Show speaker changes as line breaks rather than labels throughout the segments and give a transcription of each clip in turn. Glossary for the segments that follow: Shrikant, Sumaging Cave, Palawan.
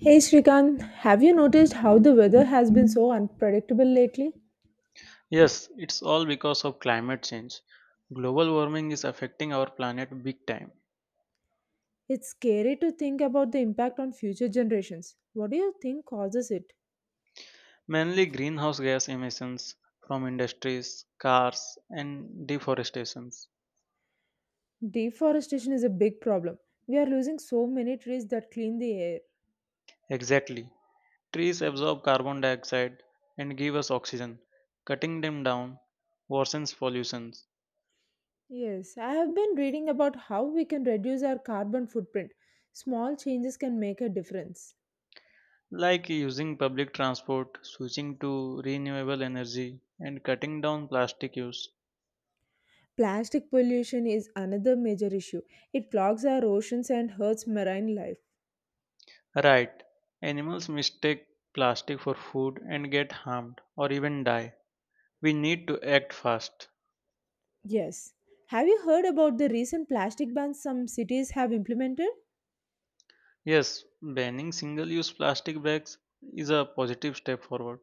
Hey Shrikant, have you noticed how the weather has been so unpredictable lately?
Yes, it's all because of climate change. Global warming is affecting our planet big time.
It's scary to think about the impact on future generations. What do you think causes it?
Mainly greenhouse gas emissions from industries, cars, and deforestations.
Deforestation is a big problem. We are losing so many trees that clean the air.
Exactly. Trees absorb carbon dioxide and give us oxygen. Cutting them down worsens pollution,
Yes, I have been reading about how we can reduce our carbon footprint. Small changes can make a difference.
like using public transport, switching to renewable energy, and cutting down plastic use.
Plastic pollution is another major issue. It clogs our oceans and hurts marine life.
Right. Animals mistake plastic for food and get harmed or even die. We need to act fast.
Yes. Have you heard about the recent plastic bans some cities have implemented?
Yes, banning single use plastic bags is a positive step forward.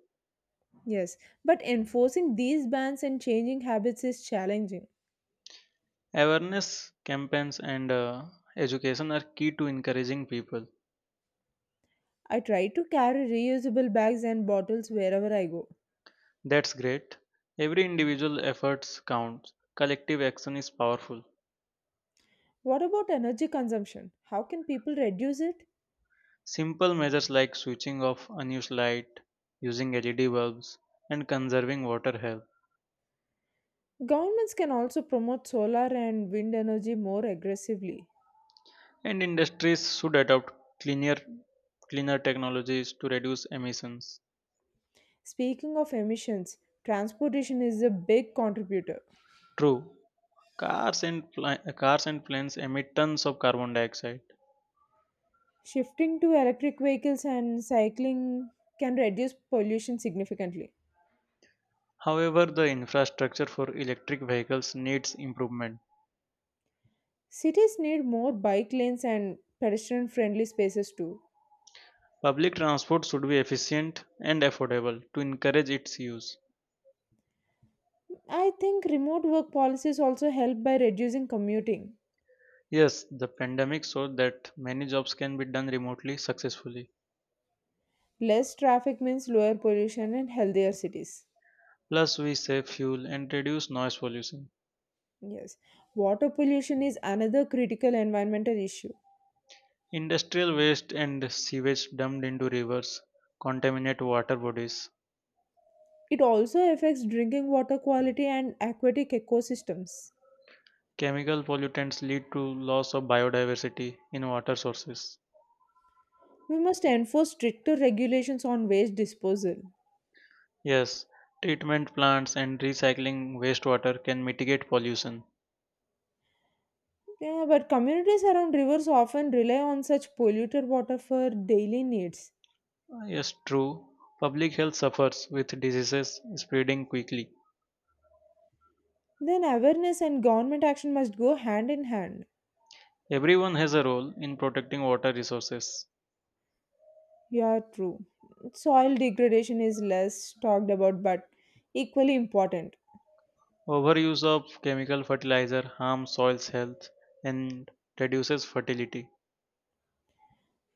Yes. But enforcing these bans and changing habits is challenging.
Awareness campaigns and education are key to encouraging people.
I try to carry reusable bags and bottles wherever I go.
That's great. Every individual efforts counts. Collective action is powerful.
What about energy consumption? How can people reduce it?
Simple measures like switching off unused light, using LED bulbs, and conserving water help.
Governments can also promote solar and wind energy more aggressively.
And industries should adopt cleaner cleaner technologies to reduce emissions.
Speaking of emissions, transportation is a big contributor.
True, cars and planes emit tons of carbon dioxide.
Shifting to electric vehicles and cycling can reduce pollution significantly.
However, the infrastructure for electric vehicles needs improvement.
Cities need more bike lanes and pedestrian friendly spaces too.
Public transport should be efficient and affordable to encourage its use.
I think remote work policies also help by reducing commuting.
Yes, the pandemic showed that many jobs can be done remotely successfully.
Less traffic means lower pollution and healthier cities.
Plus, we save fuel and reduce noise pollution.
Yes. Water pollution is another critical environmental issue.
Industrial waste and sewage dumped into rivers contaminate water bodies.
It also affects drinking water quality and aquatic ecosystems.
Chemical pollutants lead to loss of biodiversity in water sources.
We must enforce stricter regulations on waste disposal.
Yes, treatment plants and recycling wastewater can mitigate pollution.
Yeah, but communities around rivers often rely on such polluted water for daily needs.
Yes, true. Public health suffers with diseases spreading quickly.
Then awareness and government action must go hand in hand.
Everyone has a role in protecting water resources.
Yeah, true. Soil degradation is less talked about but equally important.
Overuse of chemical fertilizer harms soil's health and reduces fertility.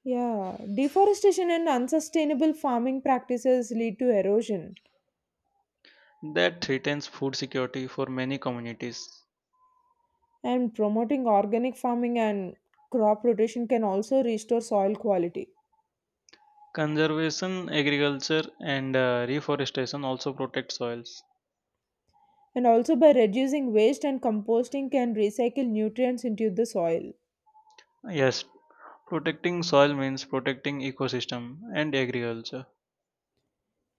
Yeah, deforestation and unsustainable farming practices lead to erosion,
That threatens food security for many communities.
and promoting organic farming and crop rotation can also restore soil quality.
Conservation, agriculture, and reforestation also protect soils.
And also, by reducing waste and composting, can recycle nutrients into the soil,
Yes, protecting soil means protecting ecosystem and agriculture.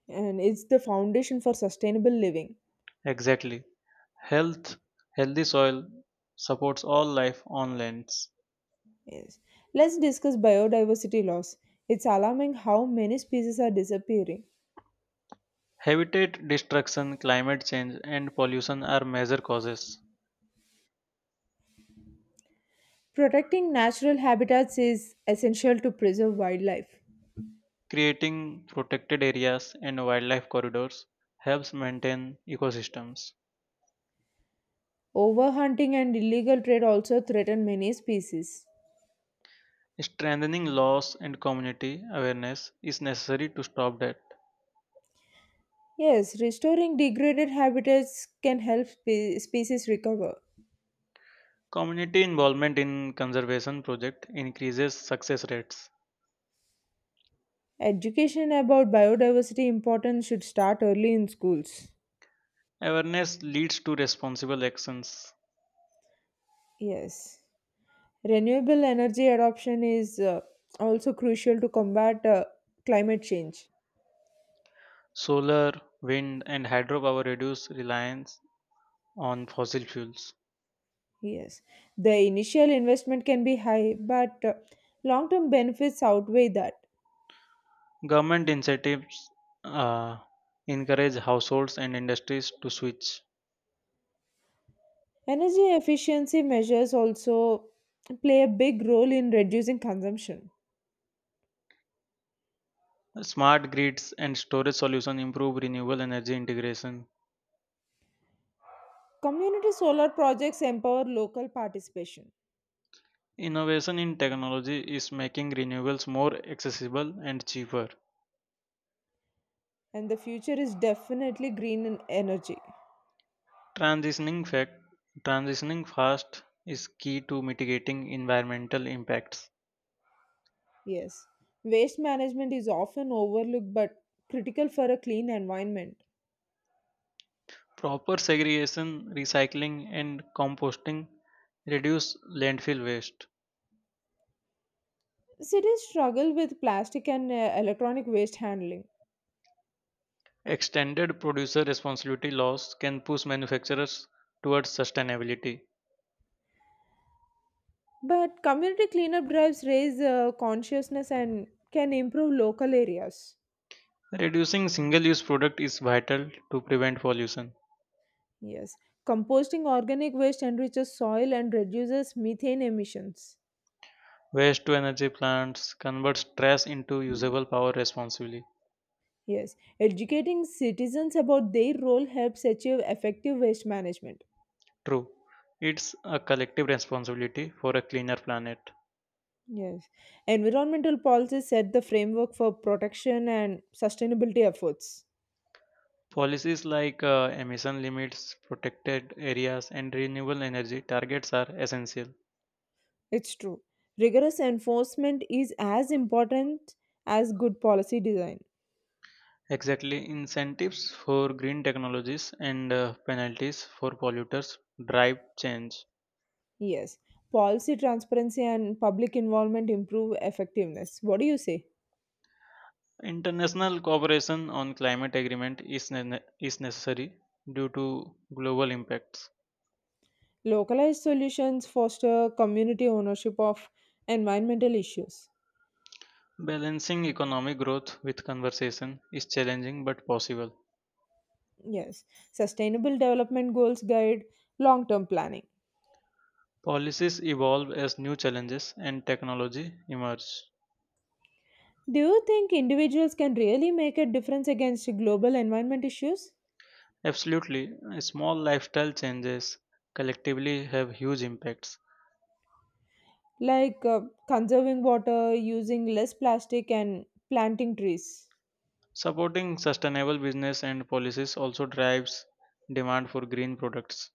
and it's the foundation for sustainable living.
Exactly. Health, healthy soil supports all life on lands.
Yes. Let's discuss biodiversity loss. It's alarming how many species are disappearing.
Habitat destruction, climate change, and pollution are major causes.
Protecting natural habitats is essential to preserve wildlife.
Creating protected areas and wildlife corridors helps maintain ecosystems.
Overhunting and illegal trade also threaten many species.
Strengthening laws and community awareness is necessary to stop that.
Yes, restoring degraded habitats can help species recover.
Community involvement in conservation projects increases success rates.
Education about biodiversity importance should start early in schools.
Awareness leads to responsible actions.
Yes. Renewable energy adoption is also crucial to combat climate change.
Solar, wind, and hydropower reduce reliance on fossil fuels.
Yes, the initial investment can be high, but long-term benefits outweigh that.
Government incentives uh, encourage households and industries to switch.
Energy efficiency measures also play a big role in reducing consumption.
Smart grids and storage solutions improve renewable energy integration.
Community solar projects empower local participation,
Innovation in technology is making renewables more accessible and cheaper.
and the future is definitely green in energy.
Transitioning, fact, transitioning fast is key to mitigating environmental impacts.
Yes, waste management is often overlooked but critical for a clean environment.
Proper segregation, recycling, and composting reduce landfill waste.
Cities struggle with plastic and electronic waste handling.
Extended producer responsibility laws can push manufacturers towards sustainability.
But community cleanup drives raise consciousness and can improve local areas.
Reducing single use product is vital to prevent pollution.
Yes. Composting organic waste enriches soil and reduces methane emissions.
Waste to energy plants converts trash into usable power responsibly.
Yes. Educating citizens about their role helps achieve effective waste management.
True. It's a collective responsibility for a cleaner planet.
Yes. Environmental policies set the framework for protection and sustainability efforts.
Policies like emission limits, protected areas, and renewable energy targets are essential.
It's true. Rigorous enforcement is as important as good policy design.
Exactly, incentives for green technologies and penalties for polluters drive change.
Yes, policy transparency and public involvement improve effectiveness. What do you say?
International cooperation on climate agreement is necessary due to global impacts.
Localized solutions foster community ownership of environmental issues.
Balancing economic growth with conversation is challenging but possible.
Yes, sustainable development goals guide long term planning.
Policies evolve as new challenges and technology emerge.
Do you think individuals can really make a difference against global environment issues
Absolutely, small lifestyle changes collectively have huge impacts.
like conserving water, using less plastic, and planting trees?
Supporting sustainable business and policies also drives demand for green products.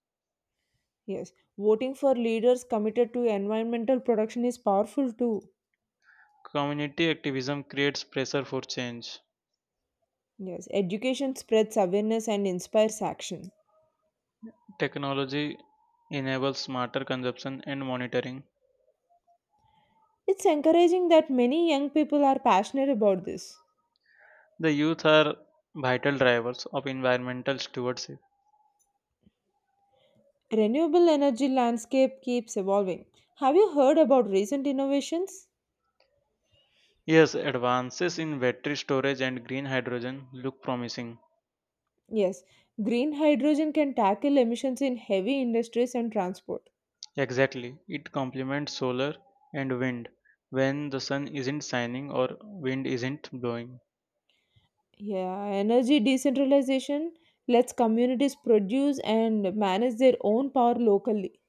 Yes, voting for leaders committed to environmental production is powerful too.
Community activism creates pressure for change.
Yes, education spreads awareness and inspires action.
Technology enables smarter consumption and monitoring.
It's encouraging that many young people are passionate about this.
The youth are vital drivers of environmental stewardship.
Renewable energy landscape keeps evolving. Have you heard about recent innovations?
Yes, advances in battery storage and green hydrogen look promising.
Yes, green hydrogen can tackle emissions in heavy industries and transport.
Exactly. It complements solar and wind when the sun isn't shining or wind isn't blowing.
Yeah, energy decentralization lets communities produce and manage their own power locally.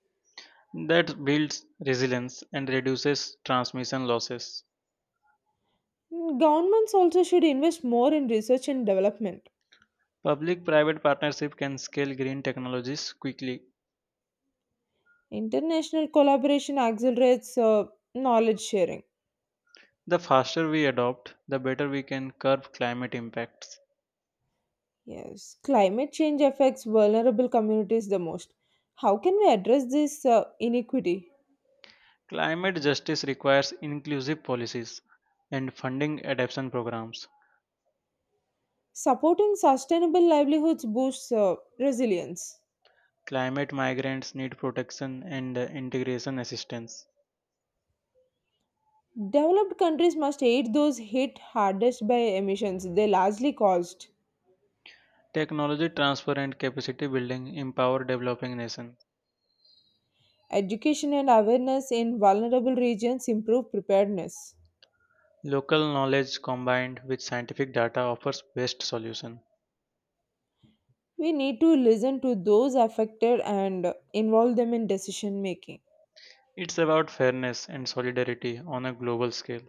That builds resilience and reduces transmission losses.
Governments also should invest more in research and development.
Public private partnership can scale green technologies quickly.
International collaboration accelerates knowledge sharing.
The faster we adopt, the better we can curb climate impacts.
Yes, climate change affects vulnerable communities the most. How can we address this inequity?
Climate justice requires inclusive policies and funding adaptation programs.
Supporting sustainable livelihoods boosts resilience.
Climate migrants need protection and integration assistance.
Developed countries must aid those hit hardest by emissions they largely caused.
Technology transfer and capacity building empower developing nations.
Education and awareness in vulnerable regions improve preparedness.
Local knowledge combined with scientific data offers best solution.
We need to listen to those affected and involve them in decision making.
It's about fairness and solidarity on a global scale.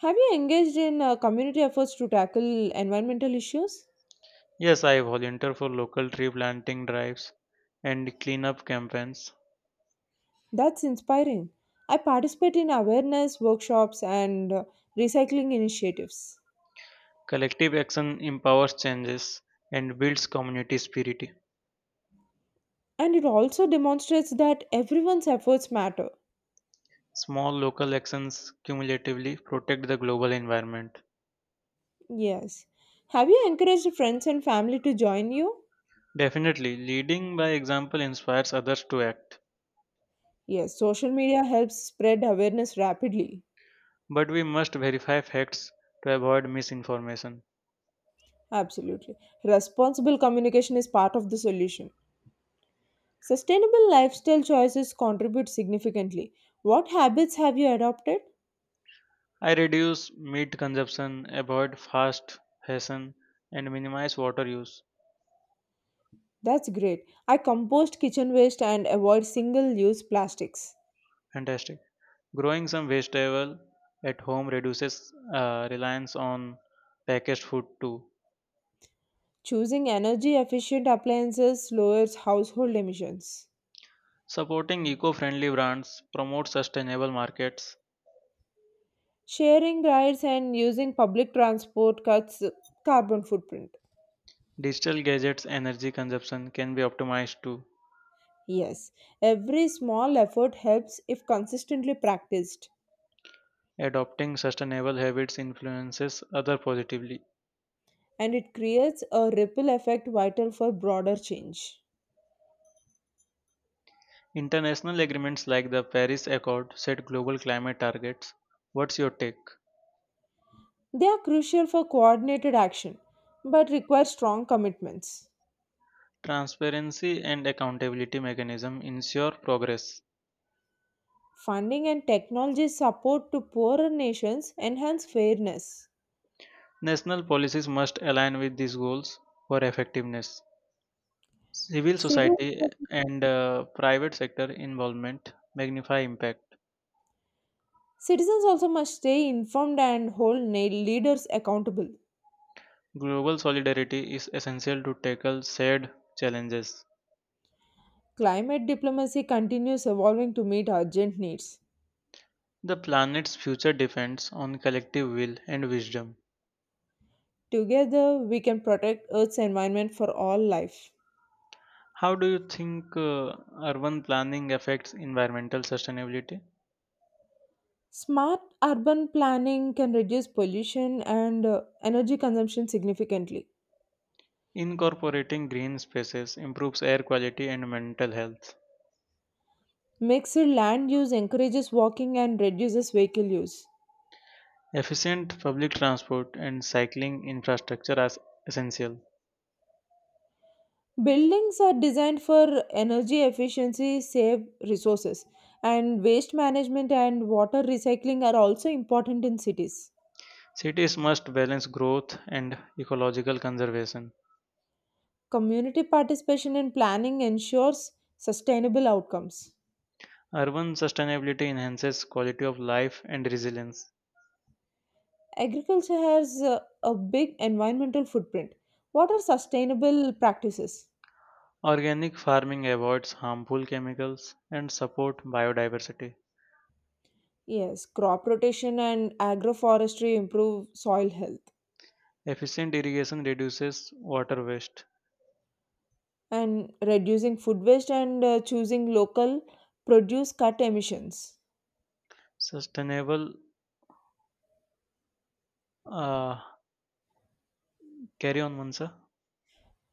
Have you engaged in community efforts to tackle environmental issues?
Yes, I volunteer for local tree planting drives and cleanup campaigns.
That's inspiring. I participate in awareness workshops and recycling initiatives.
Collective action empowers changes and builds community spirit.
And it also demonstrates that everyone's efforts matter.
Small local actions cumulatively protect the global environment.
Yes. Have you encouraged friends and family to join you?
Definitely, leading by example inspires others to act.
Yes, social media helps spread awareness rapidly.
But we must verify facts to avoid misinformation.
Absolutely. Responsible communication is part of the solution. Sustainable lifestyle choices contribute significantly. What habits have you adopted?
I reduce meat consumption, avoid fast fashion, and minimize water use.
That's great. I compost kitchen waste and avoid single use plastics.
Fantastic. Growing some vegetable at home reduces reliance on packaged food too.
Choosing energy efficient appliances lowers household emissions.
Supporting eco-friendly brands promotes sustainable markets.
Sharing rides and using public transport cuts carbon footprint.
Digital gadgets energy consumption can be optimized too.
Yes, every small effort helps if consistently practiced,
Adopting sustainable habits influences other positively.
and it creates a ripple effect vital for broader change.
International agreements like the Paris Accord set global climate targets. What's your take?
They are crucial for coordinated action but require strong commitments.
Transparency and accountability mechanism ensure progress.
Funding and technology support to poorer nations enhance fairness.
National policies must align with these goals for effectiveness. Civil
Civil
society and private sector involvement magnify impact.
Citizens also must stay informed and hold leaders accountable.
Global solidarity is essential to tackle shared challenges.
Climate diplomacy continues evolving to meet urgent needs.
The planet's future depends on collective will and wisdom.
Together, we can protect Earth's environment for all life.
How do you think urban planning affects environmental sustainability?
Smart urban planning can reduce pollution and energy consumption significantly.
Incorporating green spaces improves air quality and mental health.
Mixed land use encourages walking and reduces vehicle use.
Efficient public transport and cycling infrastructure are essential.
Buildings are designed for energy efficiency, save resources, and waste management and water recycling are also important in cities.
Cities must balance growth and ecological conservation.
Community participation in planning ensures sustainable outcomes.
Urban sustainability enhances quality of life and resilience.
Agriculture has a big environmental footprint. What are sustainable practices?
Organic farming avoids harmful chemicals and support biodiversity.
Yes, crop rotation and agroforestry improve soil health,
Efficient irrigation reduces water waste.
and reducing food waste and choosing local produce cut emissions.
Sustainable, uh, carry on, Mansa.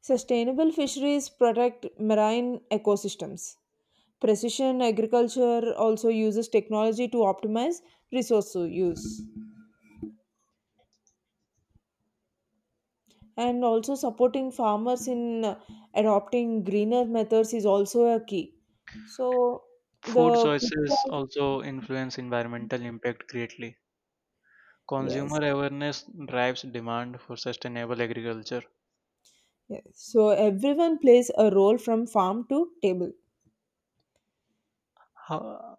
Sustainable fisheries protect marine ecosystems. Precision agriculture also uses technology to optimize resource use. And also, supporting farmers in adopting greener methods is also a key. So,
Food
the
choices also influence environmental impact greatly.
yes,
Consumer awareness drives demand for sustainable agriculture.
yes. So, everyone plays a role from farm to table.
How,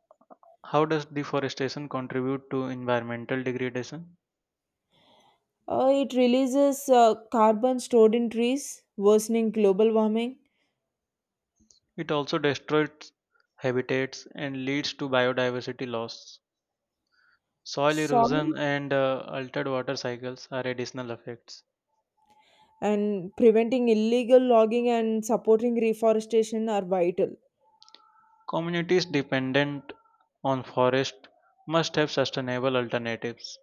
how does deforestation contribute to environmental degradation?
It releases carbon stored in trees, worsening global warming.
It also destroys habitats and leads to biodiversity loss. Soil erosion
Soil
and altered water cycles are additional effects.
and preventing illegal logging and supporting reforestation are vital.
Communities dependent on forest must have sustainable alternatives.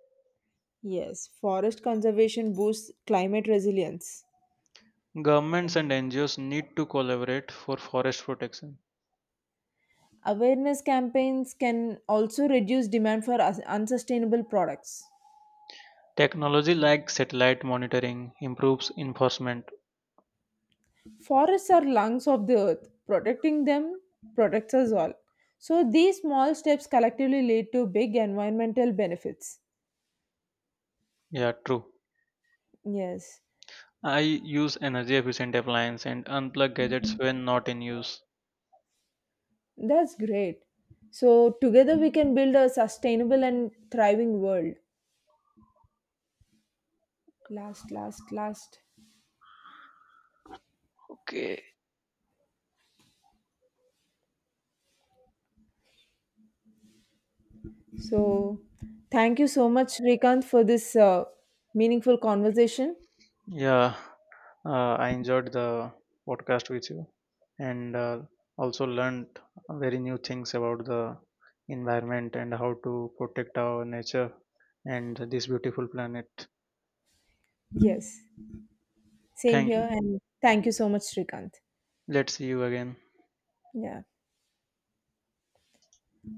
Yes, forest conservation boosts climate resilience.
Governments and NGOs need to collaborate for forest protection.
Awareness campaigns can also reduce demand for unsustainable products.
Technology like satellite monitoring improves enforcement.
Forests are lungs of the earth. Protecting them protects us all. So these small steps collectively lead to big environmental benefits.
Yeah, true.
Yes,
I use energy efficient appliances and unplug gadgets when not in use.
that's great. So together we can build a sustainable and thriving world. Last.
Okay.
So thank you so much Shrikant for this meaningful conversation.
Yeah, I enjoyed the podcast with you and also learned very new things about the environment and how to protect our nature and this beautiful planet.
Yes, same
Thank you.
here, and thank you so much Shrikant.
Let's see you again.
Yeah.